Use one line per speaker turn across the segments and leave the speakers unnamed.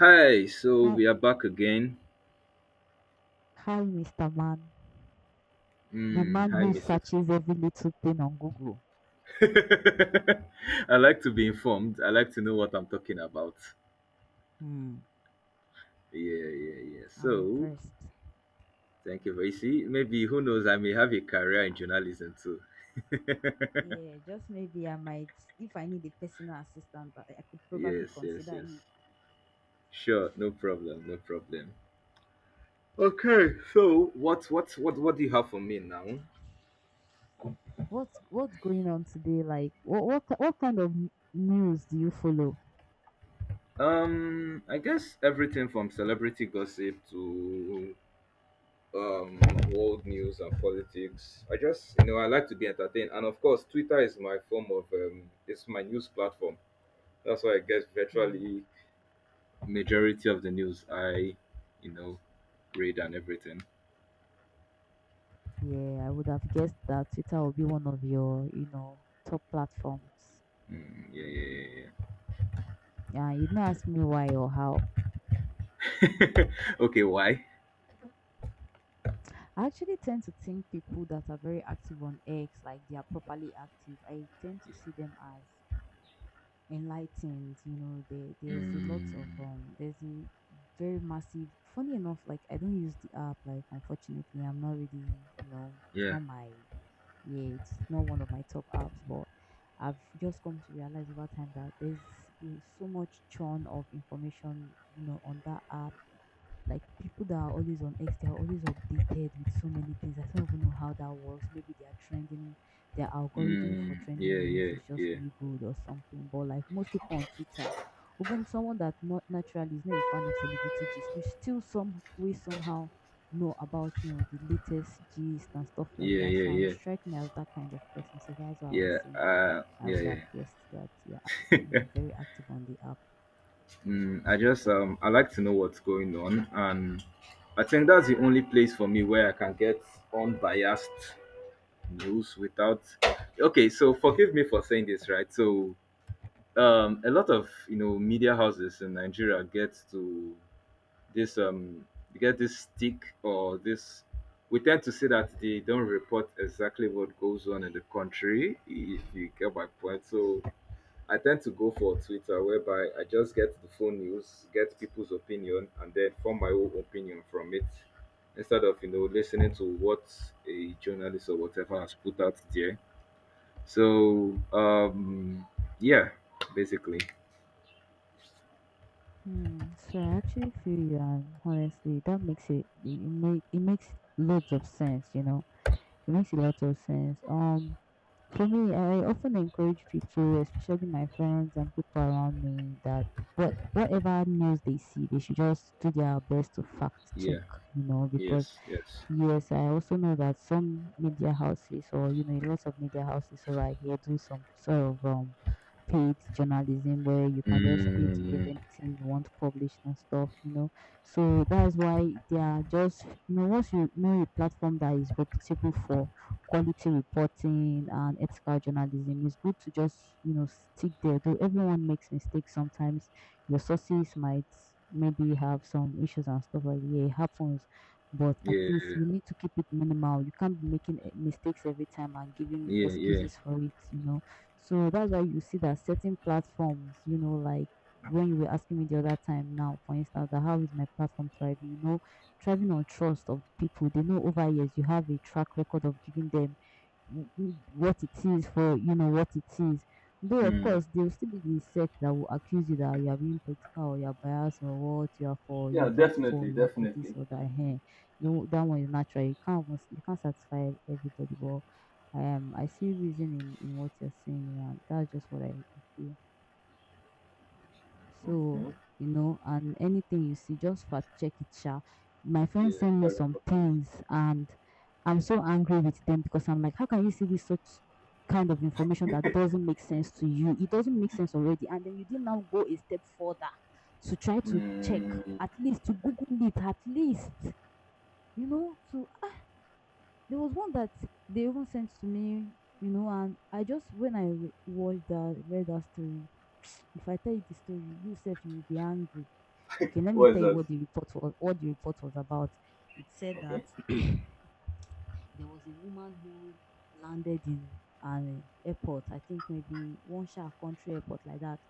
Hi, so
Hi,
we are back again.
hi, Mr. Man. The
Hmm,
man
hi,
who
Mrs.
searches every little thing on Google.
I like to be informed. I like to know what I'm talking about.
Hmm,
Yeah, yeah, yeah.
I'm
So,
impressed.
thank you, Vaisi. Maybe, who knows, I may have a career in journalism too.
Yeah, just maybe I might, if I need a personal assistant, I could probably
Yes, yes,
consider you.
yes. Sure, no problem, no problem. Okay, so what do you have for me now?
What's going on today? Like, what kind of news do you follow?
I guess everything from celebrity gossip to um world news and politics. I just you know I like to be entertained, and of course Twitter is my form of it's my news platform. That's why I guess
Hmm.
virtually majority of the news I you know read and everything.
Yeah, I would have guessed that Twitter will be one of your, top platforms.
Mm, yeah, yeah,
Yeah, you didn't ask me why or how.
yeah. Yeah. Okay, why?
I actually tend to think people that are very active on X, like they are properly active. I tend to see them as enlightened. There's a lot of
Mm,
there's a very massive, funny enough. Like, I don't use the app. Like, unfortunately, I'm not really, it's
yeah.
not my, yeah, it's not one of my top apps. But I've just come to realize over time that there's so much churn of information, on that app. Like, people that are always on X, they are always updated with so many things. I don't even know how that works. Maybe they are trending, their algorithm for
Mm, yeah,
trending news
yeah,
is just
yeah,
really good or something. But like most people on Twitter, even someone that not naturally is not a fan of celebrity gist, we still some way somehow know about, the latest gist and stuff like
yeah,
that.
yeah,
So, and you
yeah,
strike me as that kind of person. So that's what I was
yeah,
saying. I
yeah,
would have
yeah.
guessed that you're, very active on the app.
Mm, I just I like to know what's going on. And I think that's the only place for me where I can get unbiased news without, okay, so forgive me for saying this, right? So a lot of, you know, media houses in Nigeria get to this they get this stick, or this, we tend to say that they don't report exactly what goes on in the country, if you get my point. So I tend to go for Twitter, whereby I just get the phone news, get people's opinion, and then form my own opinion from it, instead of, you know, listening to what a journalist or whatever has put out there. So yeah, basically,
Hmm. So I actually feel you, and honestly, that makes it makes loads of sense. You know, it makes a lot of sense. For me, I often encourage people, especially my friends and people around me, that whatever news they see, they should just do their best to fact check,
yeah,
you know, because
yes, yes,
yes, I also know that some media houses, or you know, lots of media houses over here do some sort of paid journalism where you can just pay to get
mm,
anything you want published and stuff, you know. So that's why they are just, you know, once you know a platform that is reputable for quality reporting and ethical journalism, it's good to just, you know, stick there. Though everyone makes mistakes sometimes, your sources might maybe have some issues and stuff like that. Yeah, it happens, but at
yeah,
least you need to keep it minimal. You can't be making mistakes every time and giving
yeah, yeah,
excuses for it, you know. So that's why you see that certain platforms, you know, like when you were asking me the other time now, for instance, that how is my platform thriving, you know, thriving on trust of the people. They know over years you have a track record of giving them w- what it is, for you know what it is. Though of
mm,
course there will still be the sect that will accuse you that you are being political, or you are biased, or what, you are for
yeah,
Yoruba,
definitely,
for you are for this
definitely.
or that. Hey, you know that one is natural. You can't almost, you can't satisfy everybody. But I see reason in what you're saying. You know, and that's just what I feel. So,
Okay.
you know, and anything you see, just fact check it, sha. My friend
Yeah,
sent me
very
some
important.
things, and I'm so angry with them because I'm like, how can you see this such kind of information that doesn't make sense to you? It doesn't make sense already, and then you did now go a step further to try to check,
Mm,
at least to Google it, at least, you know, to ah, there was one that they even sent to me, you know, and I just when I watched that, read that story, if I tell you the story, you yourself you will be angry. Okay, let me
what is
tell you
that?
what the report was, about. It said that
Okay.
there was a woman who landed in an airport, I think maybe one sha country airport like that,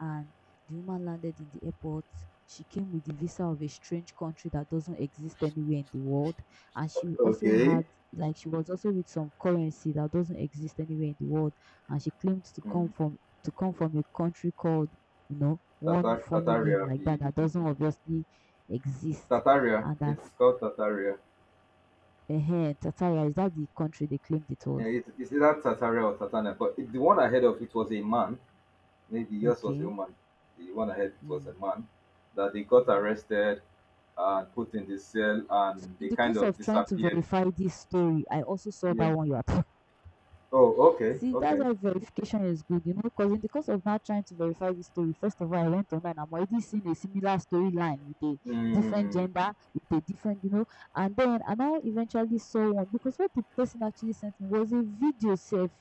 and the woman landed in the airport. She came with the visa of a strange country that doesn't exist anywhere in the world, and she also
Okay.
had, like, she was also with some currency that doesn't exist anywhere in the world, and she claimed to come from a country called, you know, one
Tatar,
funny name
Tataria.
like
the-
that that doesn't obviously exist.
Tataria.
And that,
It's called Tataria.
uh-huh, Tatara, is that the country they claimed it
Yeah,
was?
it's either Tataria or Tatana. But it, the one ahead of it was a man. Maybe yours was a
Okay.
woman. The one ahead it was
Mm-hmm.
a man. That they got arrested and put in the cell,
So,
and
in
they
the
kind
course
of
of trying to
disappeared.
verify this story, I also saw
Yeah.
that one you are talking.
Oh, okay.
See, that's
Okay.
why verification is good, you know, because in the course of now trying to verify this story, first of all, I went online. I'm already seeing a similar storyline with a different
Mm,
gender, with a different, you know, and then I now eventually saw one because what the person actually sent me was a video self.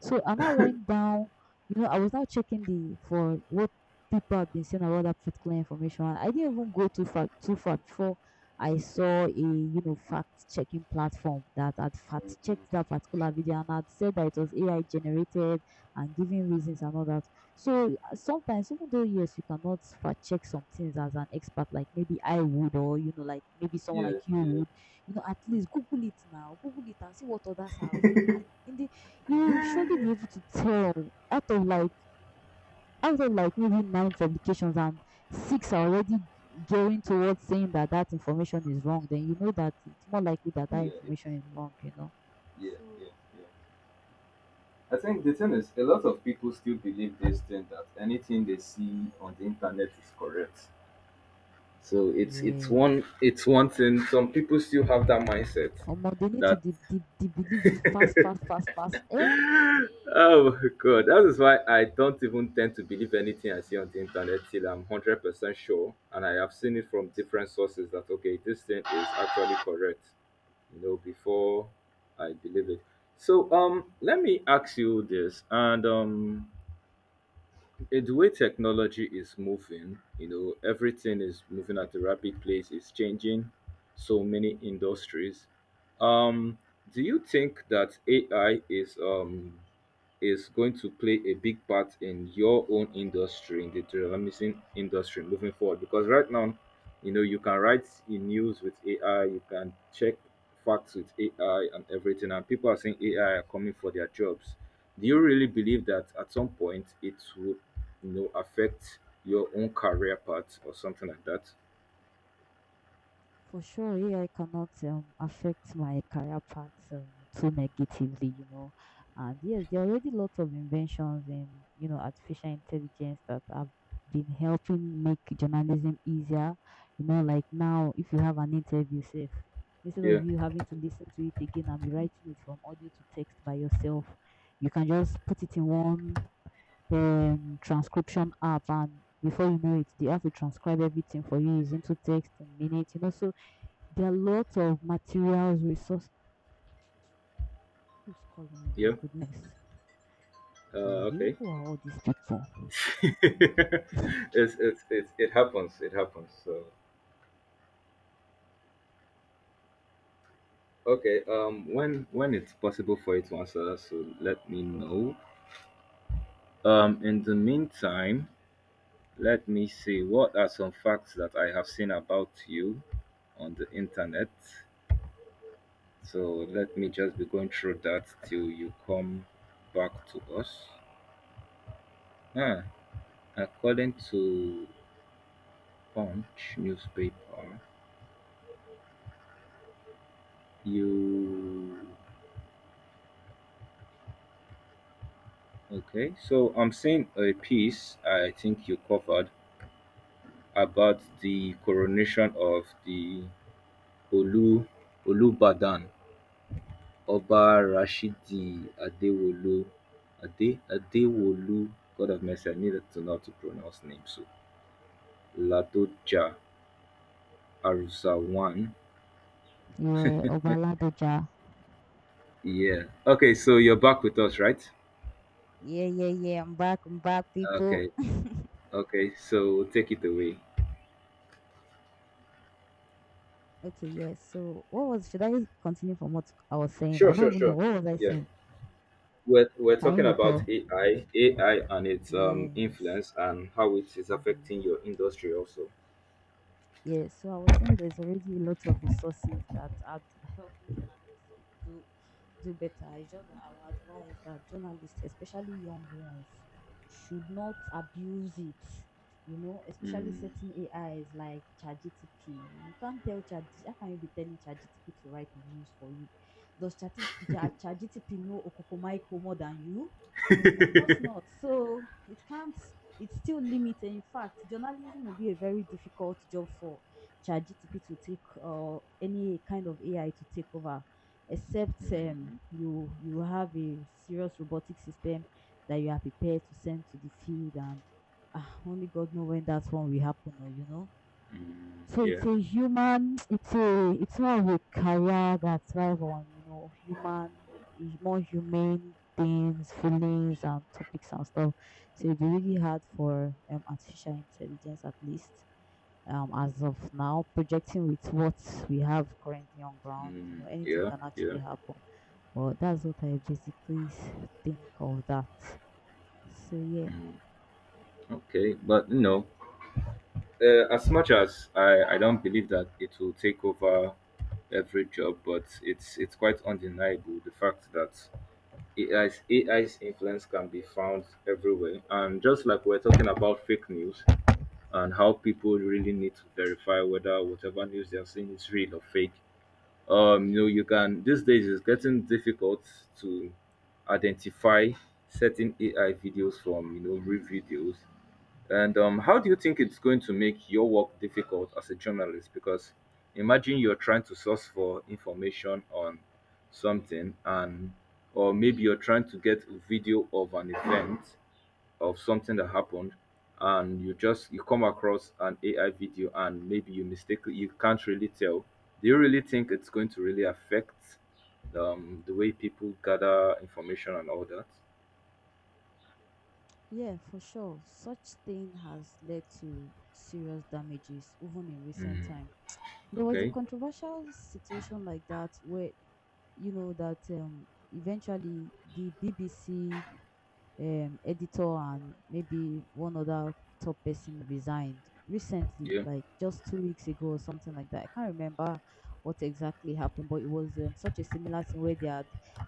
So I now went down, you know, I was now checking the for what people have been saying about that particular information. I didn't even go too far before I saw a, you know, fact checking platform that had fact checked that particular video and had said that it was AI generated and giving reasons and all that. So sometimes, even though yes, you cannot fact check some things as an expert, like maybe I would, or you know, like maybe someone
yeah,
like you
yeah,
would, you know, at least Google it now, Google it and see what others have. I, in the, you surely be able to tell out of like, maybe nine publications, and six are already gearing towards saying that that information is wrong, then you know that it's more likely that
yeah,
that
it-
information is wrong, you know.
yeah,
So
yeah, yeah. I think the thing is, a lot of people still believe this thing that anything they see on the internet is correct. So
yeah.
it's one thing. Some people still have that mindset
Omo, they need to
that
believe it fast, fast, fast, fast. Eh? Hey.
oh my god, that is why I don't even tend to believe anything I see on the internet till I'm 100% sure, and I have seen it from different sources that okay, this thing is actually correct. You know, before I believe it. So let me ask you this, and it's the way technology is moving, you know, everything is moving at a rapid pace, it's changing so many industries. Um, do you think that AI is going to play a big part in your own industry, in the journalism industry moving forward? Because right now, you know, you can write in news with AI, you can check facts with AI and everything, and people are saying AI are coming for their jobs. Do you really believe that at some point it would, you know, affect your own career path or something like that?
For sure, AI cannot affect my career path, too negatively, you know. And yes, there are already lots of inventions in, you know, artificial intelligence that have been helping make journalism easier. You know, like now, if you have an interview, safe, instead of
Yeah,
you having to listen to it again and be writing it from audio to text by yourself, you can just put it in one transcription app, and before you know it, the app will transcribe everything for you using to text in minutes. You know, so there are lots of materials, resources. Who's calling me? My
yeah.
goodness. Baby,
Okay.
who are all these people?
It happens. It happens. So. Okay, when it's possible for you to answer that, so let me know. In the meantime, let me see what are some facts that I have seen about you on the internet. So let me just be going through that till you come back to us. Ah, according to Punch newspaper, you okay? So I'm seeing a piece I think you covered about the coronation of the Olu Olubadan Oba Rashidi Adewolu. God have mercy, I needed to know how to pronounce names. So Ladoja Arzawan.
Yeah, Obaladoja.
Yeah. Okay, so you're back with us, right?
Yeah, yeah, yeah. I'm back. I'm back, people.
Okay. Okay, so take it away.
Okay, yeah. So, what was? Should I continue from what I was saying?
Sure,
I don't
sure,
even know
sure.
what was I
Yeah.
saying.
We're
Can
talking
you
about
recall?
AI and its
Yes.
influence and how it is
Mm-hmm.
affecting your industry also.
Yeah, so I was saying there's already a lot of resources that are helping journalists do better. It's just that I would advise that journalists, especially young ones, should not abuse it. You know, especially certain AIs like ChatGTP. You can't tell Chat. How can you be telling ChatGTP to write the news for you? Does ChatGTP know Okokomaiko more than you? Of course not. So it can't, it's still limited. In fact, journalism will be a very difficult job for ChatGTP to take, or any kind of AI to take over, except you have a serious robotic system that you are prepared to send to the field, and ah, only God knows when that one will happen, or you know. So it's
Yeah.
a human, it's more of a career that thrive on, you know, human, more humane things, feelings and topics and stuff. So it'd be really hard for artificial intelligence, at least as of now, projecting with what we have currently on ground, you know, anything
Yeah,
can
yeah,
actually happen. But that's what I basically think of that. So yeah.
okay. But you know, as much as I don't believe that it will take over every job, but it's quite undeniable the fact that AI's influence can be found everywhere. And just like we're talking about fake news, and how people really need to verify whether whatever news they're seeing is real or fake. You know, you can these days it's getting difficult to identify certain AI videos from, you know, real videos. And how do you think it's going to make your work difficult as a journalist? Because imagine you're trying to source for information on something, and or maybe you're trying to get a video of an event of something that happened, and you just you come across an AI video, and maybe you mistakenly you can't really tell. Do you really think it's going to really affect the way people gather information and all that?
Yeah, for sure. Such thing has led to serious damages, even in recent time. There was a
Okay.
controversial situation like that where you know that eventually the BBC editor and maybe one other top person resigned recently,
Yeah.
like just 2 weeks ago or something like that. I can't remember what exactly happened, but it was such a similar thing where they had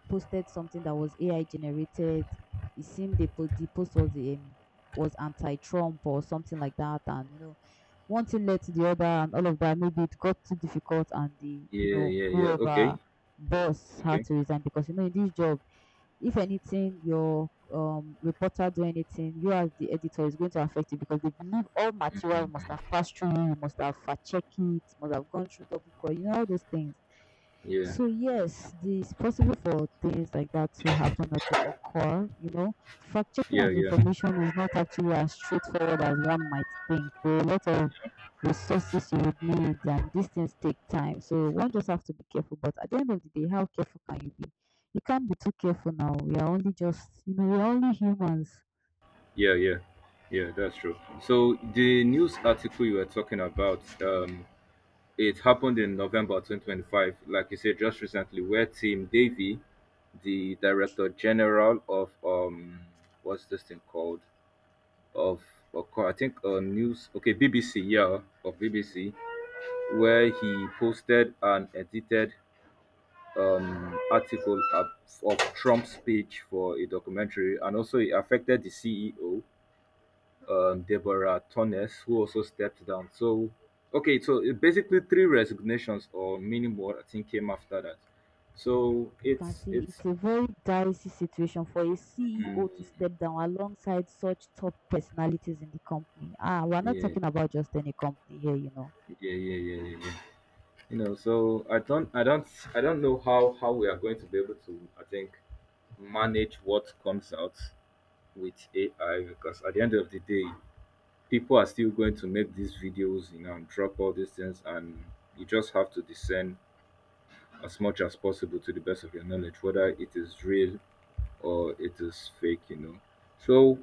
posted something that was AI generated. It seemed the post was anti-Trump or something like that, and you know, one thing led to the other, and all of that. Maybe it got too difficult, and the you
Yeah.
know
Yeah. Yeah. Okay.
whoever boss had
Okay.
to resign because you know in this job if anything your reporter do anything, you as the editor is going to affect it because they believe all material must have passed through you, must have fact checked it, must have gone through double cross, you know, all those things.
Yeah.
So yes, it's possible for things like that to happen or to occur. You know, fact checking
Yeah,
and
yeah,
information is not actually as straightforward as one might think. There are a lot of resources you would need, and these things take time. So one just have to be careful. But at the end of the day, how careful can you be? You can't be too careful now. We are only just, you know, we're only humans.
yeah, yeah, yeah. That's true. So the news article you were talking about, it happened in November 2025, like you said, just recently, where Tim Davy, the director general of what's this thing called? Of I think news, okay, BBC, yeah, of BBC, where he posted an edited article of Trump's speech for a documentary, and also it affected the CEO Deborah Tornes, who also stepped down. So, okay, so it basically three resignations or many more, I think, came after that. So
You can
it's
see
it's
it's a very dicey situation for a
mm,
CEO to step down alongside such top personalities in the company. Ah, we're not
yeah.
talking about just any company here, you know.
Yeah, yeah, yeah, yeah, yeah. You know, so I don't know how we are going to be able to, I think, manage what comes out with AI because at the end of the day, people are still going to make these videos, you know, and drop all these things, and you just have to discern as much as possible to the best of your knowledge, whether it is real or it is fake, you know. So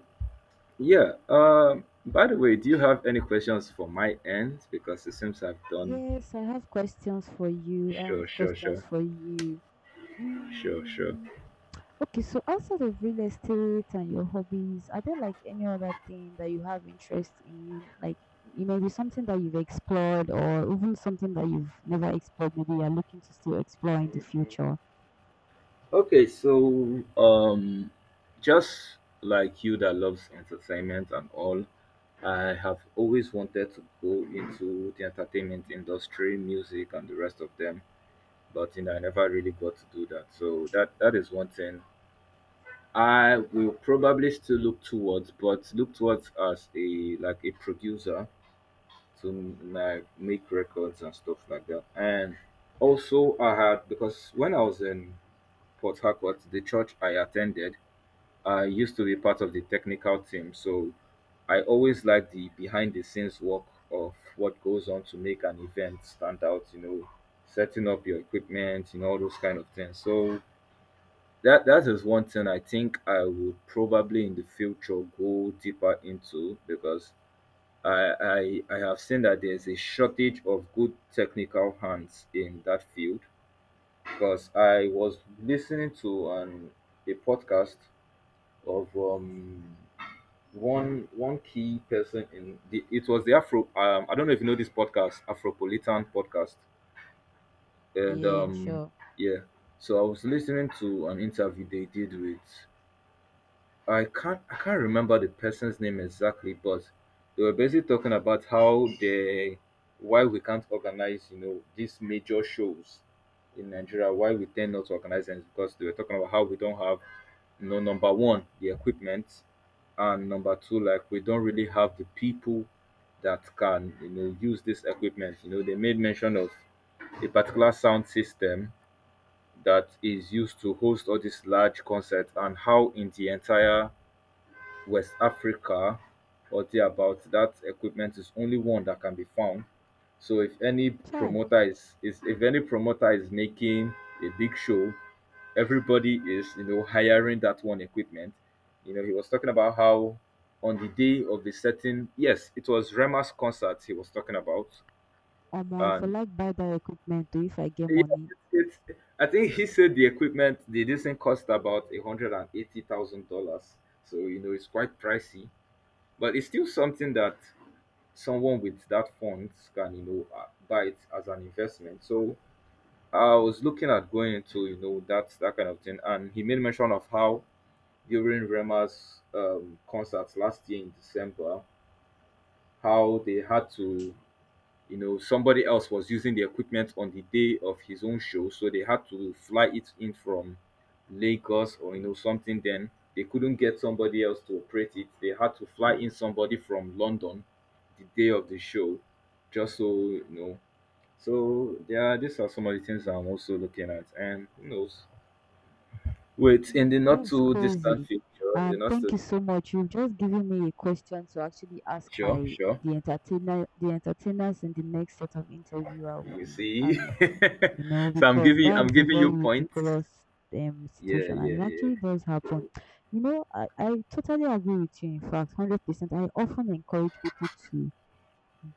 yeah, by the way, do you have any questions for my end? Because it seems I've done
Yes, I have questions for you. I
sure,
have
sure,
questions
sure,
for you.
sure, sure.
Mm, okay, so outside of real estate and your hobbies, are there like any other thing that you have interest in? Like it may be something that you've explored or even something that you've never explored, maybe you're looking to still explore in the future.
Okay, so just like you that loves entertainment and all, I have always wanted to go into the entertainment industry, music and the rest of them, but you know I never really got to do that. So that is one thing I will probably still look towards, but look towards as a like a producer to like make records and stuff like that. And also, I had because when I was in Port Harcourt, the church I attended, I used to be part of the technical team, so I always like the behind the scenes work of what goes on to make an event stand out. You know, setting up your equipment, you know, all those kind of things. So that is one thing I think I would probably in the future go deeper into because I have seen that there's a shortage of good technical hands in that field. Because I was listening to an a podcast of one key person in the it was the Afro I don't know if you know this podcast, Afropolitan podcast, and
Yeah, sure.
yeah, so I was listening to an interview they did with I can't remember the person's name exactly, but they were basically talking about how they why we can't organize, you know, these major shows in Nigeria, why we tend not to organize them is because they were talking about how we don't have, you know, number one, the equipment, and number two, like we don't really have the people that can, you know, use this equipment. You know, they made mention of a particular sound system that is used to host all these large concerts, and how in the entire West Africa or thereabout, that equipment is only one that can be found. So if any
Try.
promoter is if any promoter is making a big show, everybody is, you know, hiring that one equipment. You know, he was talking about how on the day of the certain yes, it was Rema's concert he was talking about.
Omo, I for
And
like buy that equipment too if I get
yeah,
money.
it's I think he said the equipment the this thing cost about $180,000. So you know it's quite pricey, but it's still something that someone with that funds can buy it as an investment. So I was looking at going into that kind of thing, and he made mention of how during Rema's concerts last year in December, how they had to somebody else was using the equipment on the day of his own show, so they had to fly it in from Lagos or something. Then they couldn't get somebody else to operate it. They had to fly in somebody from London the day of the show, just so you know. So yeah, these are some of the things I'm also looking at, and who knows? Wait, in the
Hmm,
not
that's
too distant
crazy.
future, in the
And
not
thank
too.
you so much. You've just given me a question to actually ask
Sure,
my
sure.
the entertainer the entertainers in the next set of interview I will
You
be
see,
having. You know,
so i'm
because
giving i'm
that's a
giving
very
you points.
ridiculous
Yeah,
situation, and
yeah,
it
yeah.
actually does happen. You know, I totally agree with you, in fact, 100%. I often encourage people to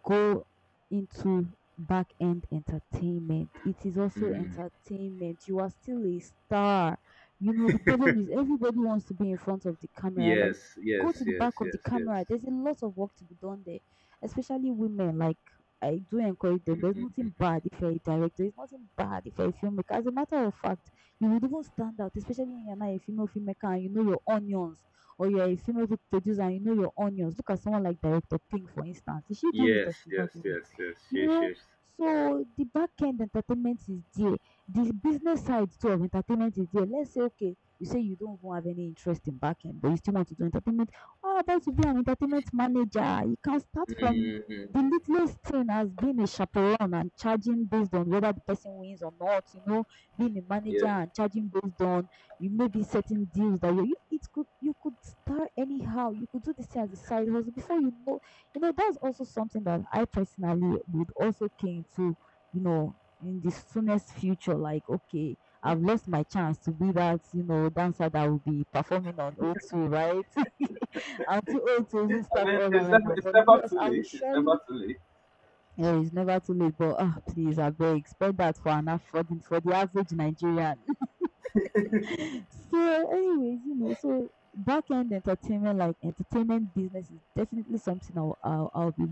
go into back end entertainment. It is also
Hmm.
entertainment. You are still a star. You know, the problem is everybody wants to be in front of the camera. Like,
Yes, yes,
go to the
yes,
back of the
yes,
camera.
yes.
There's a lot of work to be done there, especially women. Like, I do encourage them. There's
Mhm.
nothing bad if you're a director. There's nothing bad if you're a filmmaker. As a matter of fact, you would even stand out, especially when you're not a female filmmaker and you know your onions, or you're a female producer, and you know your onions. Look at someone like Director Pink, for instance. Is she doing it or
Yes,
she's not
yes,
doing
yes,
it?
yes,
You
yes,
know,
yes.
so the back end entertainment is there. The business side too of entertainment is there. Let's say, okay, you say you don't even have any interest in back end, but you still want to do entertainment. How about you be an entertainment manager? You can start from
Mhm.
the littlest thing as being a chaperone and charging based on whether the person wins or not, you know, being a
Yeah.
manager and charging based on you may be certain deals that you it could you could start anyhow. You could do this thing as a side hustle before you know. You know, that's also something that I personally would also came to, you know, in the soonest future. Like, okay, I've lost my chance to be that, you know, dancer that will be performing on o2, right? I'm too old to
I
even start
mean,
all that
it's
right
never,
now,
it's
but
never
yes,
too
I will
late. It's never
surely.
too late.
Yeah, it's never too late, but ah, please, I beg, expect that for the average Nigerian. So, anyways, you know, so back end entertainment, like entertainment business, is definitely something I'll be.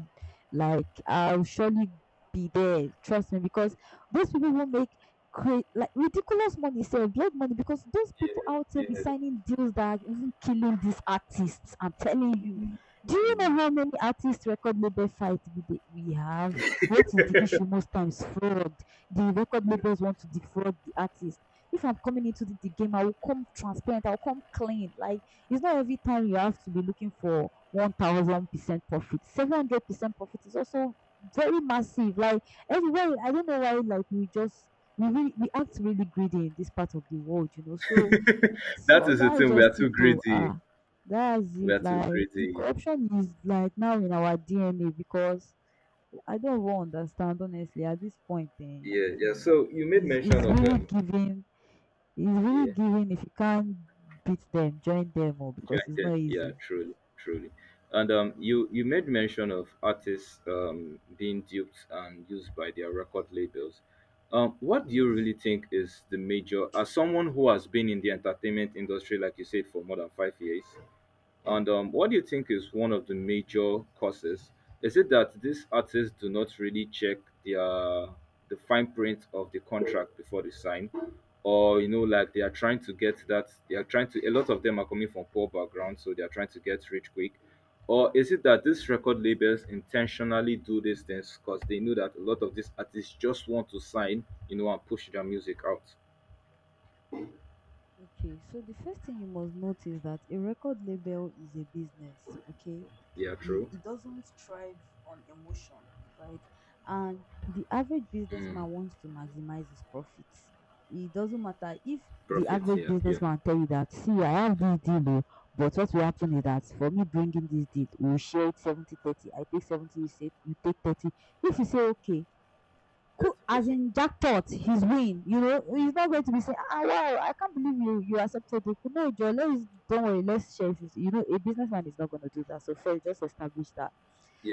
Like, I'll surely be there. Trust me, because those people will make like ridiculous money, say blood money, because those
Yeah,
people out here be
yeah.
signing deals that are even killing these artists. I'm telling you. Do you know
Mm.
how many artists record label fights we have? What is the issue most times? Fraud. The record labels want to defraud the artist. If I'm coming into the game, I will come transparent, I'll come clean. Like, it's not every time you have to be looking for 1000% profit. 700% profit is also very massive. Like, everywhere, I don't know why. Like, we act really greedy in this part of the world, you know. So, so
That is the
that is
thing. We are
just
too
it. To
greedy.
that's
We
it.
are too
Like, the
greedy.
corruption is like now in our DNA because I don't even understand honestly at this point.
Yeah, yeah.
Hmm,
So you made
is
mention of
really
um.
giving. It's really
Yeah.
giving, if you can't beat them, join them, or because it's
Jointed.
not
Yeah,
easy.
truly, truly. And you made mention of artists being duped and used by their record labels. What do
Yes.
you really think is the major, as someone who has been in the entertainment industry, like you said, for more than 5 years, and what do you think is one of the major causes? Is it that these artists do not really check their the fine print of the contract before they sign, or like they are trying to get that they are trying to. A lot of them are coming from poor backgrounds, so they are trying to get rich quick. Or is it that these record labels intentionally do these things because they know that a lot of these artists just want to sign, and push their music out?
Okay, so the first thing you must note is that a record label is a business. Okay.
Yeah,
It,
true.
it doesn't thrive on emotion, right? And the average
Mm,
businessman wants to maximize his profits. It doesn't matter if the
profits.
average
Yeah, yeah.
businessman tell you that, see, I have this deal, oh, but what will happen is that for me bringing this deal, we'll share it 70-30. I take 70, you, say, you take 30. If you say, okay,
That's
cool,
a
as
person.
in jackpot he's win, you know, he's not going to be saying, ah, wow, I can't believe you, you accepted it. No, Joe, let's don't worry, let's share it, you know. A businessman is not going to do that, so first just establish that.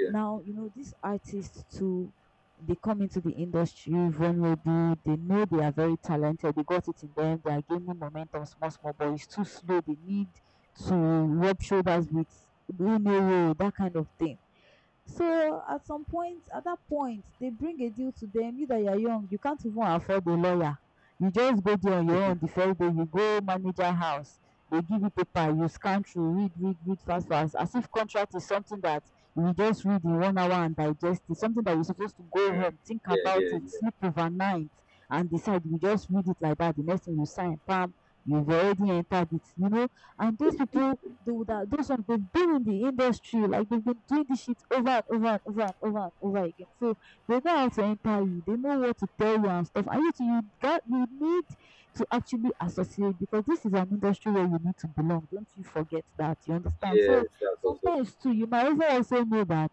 Now, you know, these artists too, they come into the industry vulnerable. They know they are very talented, they got it in them, they are gaining momentum small small, but it's too slow. They need to rub shoulders with who know that kind of thing. So at some point, at that point, they bring a deal to them. You that you're young, you can't even afford a lawyer. You just go there on your own the first day, you go manager house. They give you paper, you scan through, read, read, read fast, fast. As if contract is something that you just read in 1 hour and digest it, something that you're supposed to go
Mm.
home, think
Yeah,
about
yeah,
it,
yeah.
sleep overnight, and decide. You just read it like that. The next thing you sign, bam, you've already entered it, you know. And those people do that, those ones, they've been in the industry, like they've been doing this shit over and over and over and over and over again. So they know how to enter you, they know what to tell you and stuff. And you need to actually associate because this is an industry where you need to belong. Don't you forget that, you understand? So
Yes, that's also.
sometimes too, you might also know that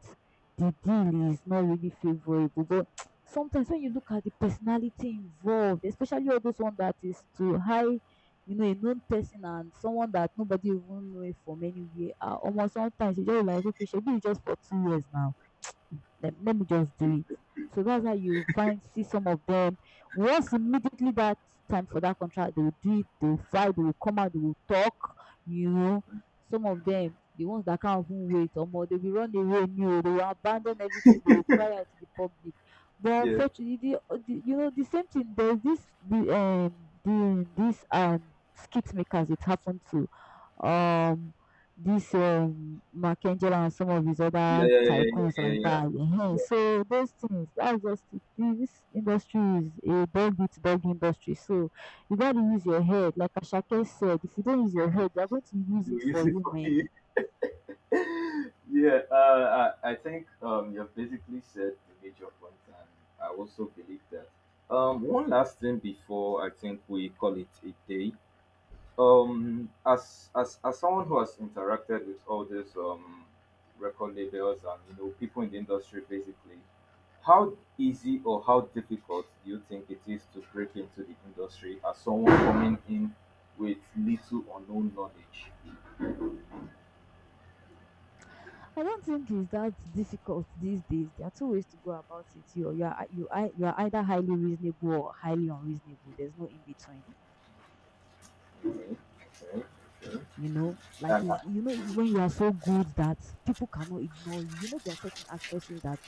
the deal is not really favorable, but sometimes when you look at the personality involved, especially all those one that is to high, you know, a known person and someone that nobody even know it from anywhere, ah, omo, sometimes you just be like, okay, shebi you just for 2 years now. Let me just do it. So that's how you find see some of them. Once immediately that time for that contract, they will do it, they will fight, they will come out, they will talk, you know. Some of them, the ones that can't even wait, or more, they will run away, no, they will abandon everything, they will cry out to the public. But
Yeah,
unfortunately, the, you know, the same thing, there's this, the, this, skit makers, it happened to. Um, this Makengela and some of his
yeah,
other
yeah, yeah, yeah,
tycoons
yeah,
like
yeah.
that, ehen.
Yeah.
So those things, that's just it. This industry is a dog eat dog industry. So you gotta use
Mm.
your head. Like Ashake said, if you don't use your head, they're going to use
You
it
use
for
it
you,
for
man.
you. Yeah, I think you've basically said the major point, and I also believe that. One last thing before I think we call it a day, as someone who has interacted with all these record labels and people in the industry, basically how easy or how difficult do you think it is to break into the industry as someone coming in with little or no knowledge?
I don't think it's that difficult these days. There are two ways to go about it. You are either highly reasonable or highly unreasonable. There's no in between. You know, like
And
is you know you- when you are so good that people cannot ignore you, you know, there are certain actresses that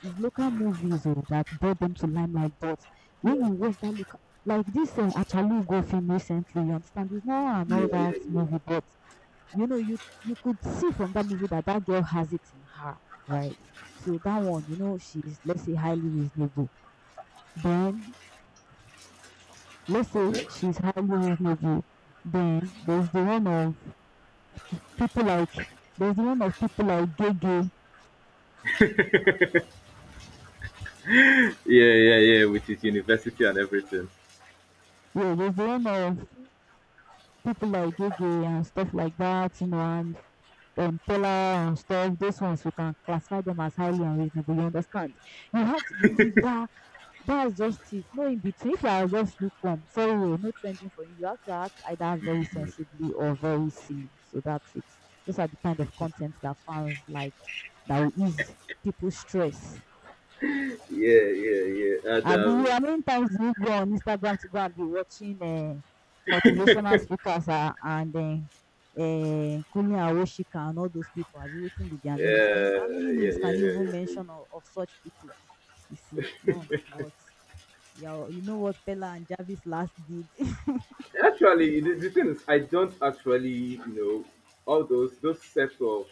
is local movies or that brought them to limelight. But
yeah,
when you watch that local, like this Achalugo film recently, you understand it's not an
yeah,
all
yeah,
that movie,
yeah.
but you know, you could see from that movie that that girl has it in her, right? So that one, you know, she's, let's say, highly reasonable. Then let's say
Okay.
she's highly reasonable. Then there's the one of people like, there's the one of people like Gege.
Yeah, yeah, yeah, with his university and everything.
Yeah, there's the one of people like Gege and stuff like that, you know, and Paula and stuff. Those ones you can classify them as highly unreasonable. You understand? You have to be either, that's just it, no in between. If you are just lukewarm, sorry, oh, no trending for you. You have to act either very sensibly or very silly. So that's it. Those are the kind of content that fans like, that will ease people's stress.
Yeah, yeah, yeah. And
I Abi, how many times do you go on Instagram to go and be watching motivational speakers and Kunle Awoshika and all those people? Pipu abi waiting with their names? Do you
yeah,
how
yeah,
many
yeah,
names can you
yeah, yeah.
even
Yeah.
mention of such people? You see none but yeah, you know what Pella and Jarvis last did.
Actually, the thing is, I don't actually, all those sets of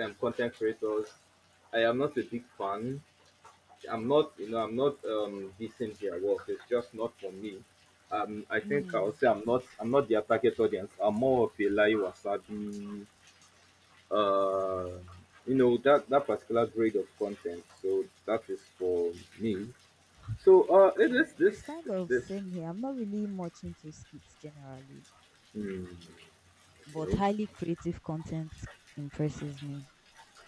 content creators. I am not a big fan. I'm not decent their work. It's just not for me. I think I'll
Mm,
say I'm not their target audience. I'm more of a Lai Wasabi, uh, that particular grade of content. So that is for me. So this
yeah,
this
it's kind of
this.
same here. I'm not really much into skits generally,
Hmm,
but
okay.
highly creative content impresses me.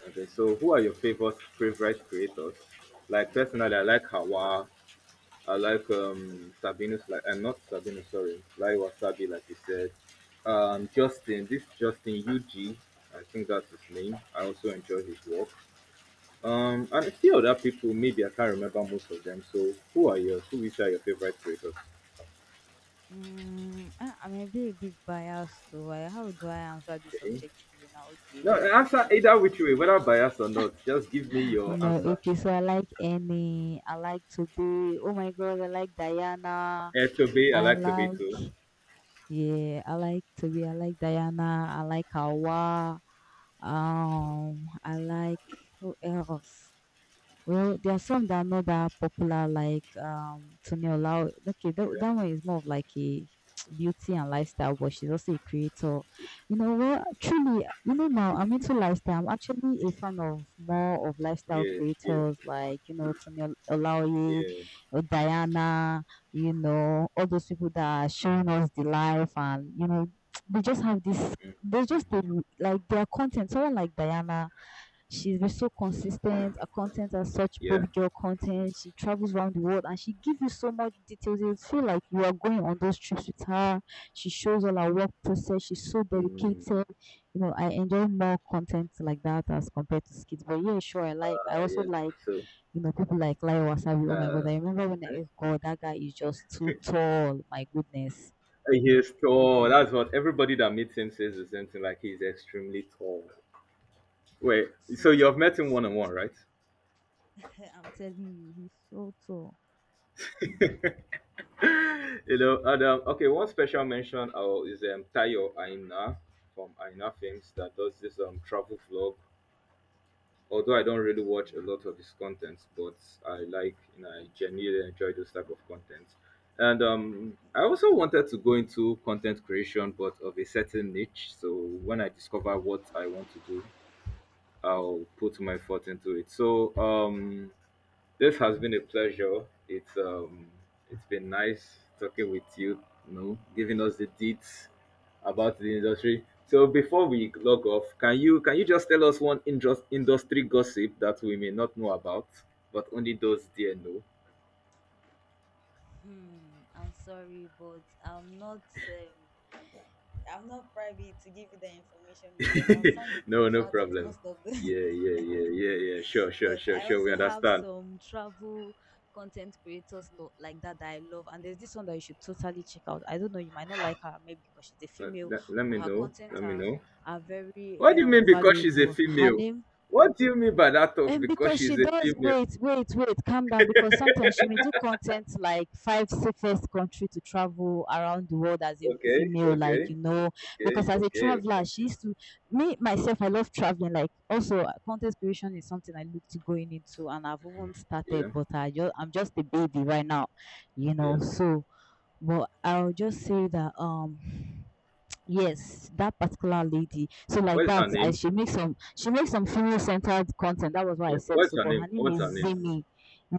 Okay, so who are your favorite creators? Like personally, I like Hawa. I like Sabinus, like I'm not Sabinus, sorry, like Wasabi, like you said. This Justin UG, I think that's his name. I also enjoy his work. And a few other people, maybe I can't remember most of them. So who are yours? Who Which are your favorite creators?
Mm, I may be a bit biased though. I, how do I answer this
Okay.
objectively now? Okay,
No,
let's
answer
say
either which way, whether biased or not. Just give me your
no.
answer.
Okay, so I like Annie. I like to be. Oh my God, I like Diana.
Toby, I
I
like Toby
like
too.
yeah. I like to be. I like Diana. I like Hawa. I like who else? Well, there are some that are not that popular, like Toni Olao. Okay, that,
Yeah,
that one is more of like a beauty and lifestyle, but she's also a creator. You know, well, truly, you know, now I'm into lifestyle. I'm actually a fan of more of lifestyle
yeah, yeah,
creators, like you know Olaoye,
yeah.
or Diana. You know, all those people that are showing us the life, and you know, they just have this. They just they, like their content. Someone like Diana. She's been so consistent. Her content are such
Yeah.
baby girl content. She travels around the world and she gives you so much details. You feel like you are going on those trips with her. She shows all her work process. She's so
Mm,
dedicated. You know, I enjoy more content like that as compared to skits. But yeah, sure, I also
yeah.
like,
So,
you know, people like Lai Wasabi. Oh my
uh,
god, I remember when oh god, that guy is just too tall. My goodness,
he's tall. That's what everybody that meets him says the same thing. Like he's extremely tall. Wait,
so
so you've
tall,
met him one on
so
one, right?
tall. I'm telling you, he's so tall.
And okay, one special mention is Tayo Aina from Aina Films that does this travel vlog, although I don't really watch a
Really?
lot of his contents, but I like and I genuinely enjoy those type of content. And I
Yeah.
also wanted to go into content creation, but of a certain niche. So when I discover what I want to do, I'll put my thought into it. So this has been a pleasure. It's been nice talking with you, giving us the deets about the industry. So before we log off, can you just tell us one industry gossip that we may not know about, but only those dear know?
Hmm, I'm sorry, but I'm not. I'm not privy to give you the information because I've signed a
No, no
contract with
problem.
most of them.
Yeah, yeah, yeah, yeah, yeah. Sure, sure,
But
sure,
I
sure. We
also have
understand.
some travel content creators like that I love, and there's this one that you should totally check out. I don't know, you might not like her maybe because she's a
Let,
female,
let, let
but
me
her
know.
content
Let me know.
are very
What do you mean because she's a
valuable. Her
female?
name.
What do you mean by that talk?
And
Because
because
she's
she
a
does,
female.
wait, calm down. Because sometimes she may do content like five safest country to travel around the world as a
Okay,
female, like
okay.
you know.
Okay,
Because as a
okay, okay.
traveler, she used to me myself. I love traveling. Like also, content creation is something I look to going into, and I've
Mm,
even started,
yeah,
but I'm just a baby right now, you
yeah.
know. So, but I'll just say that yes that particular lady so like
What is
that
her
I
name?
she makes some female centered content. That was what
Yeah.
I said.
What's
So
her
but
name?
her name
What's her
is
name?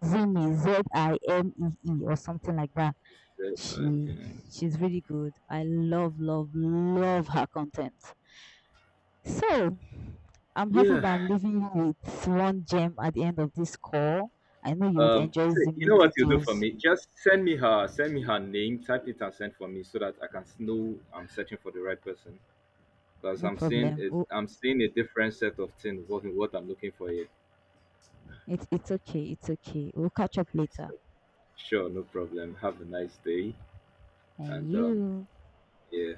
Zimi, Zimee or something like that. she
Yeah.
she's really good. I love love love her content. So I'm happy that I'm
Yeah.
leaving you with one gem at the end of this call. I know you would enjoy
Say, you know
Zimi
what you do for
videos.
me? Just send me her. Send me her name. Type it and send for me so that I can know I'm searching for the right person. Because
No
I'm seeing
problem,
it.
oh,
I'm seeing a different set of things. What I'm looking for here.
it's okay, it's okay, we'll catch up later.
So, sure, no problem. Have a nice day.
And
And.
you.
Yeah.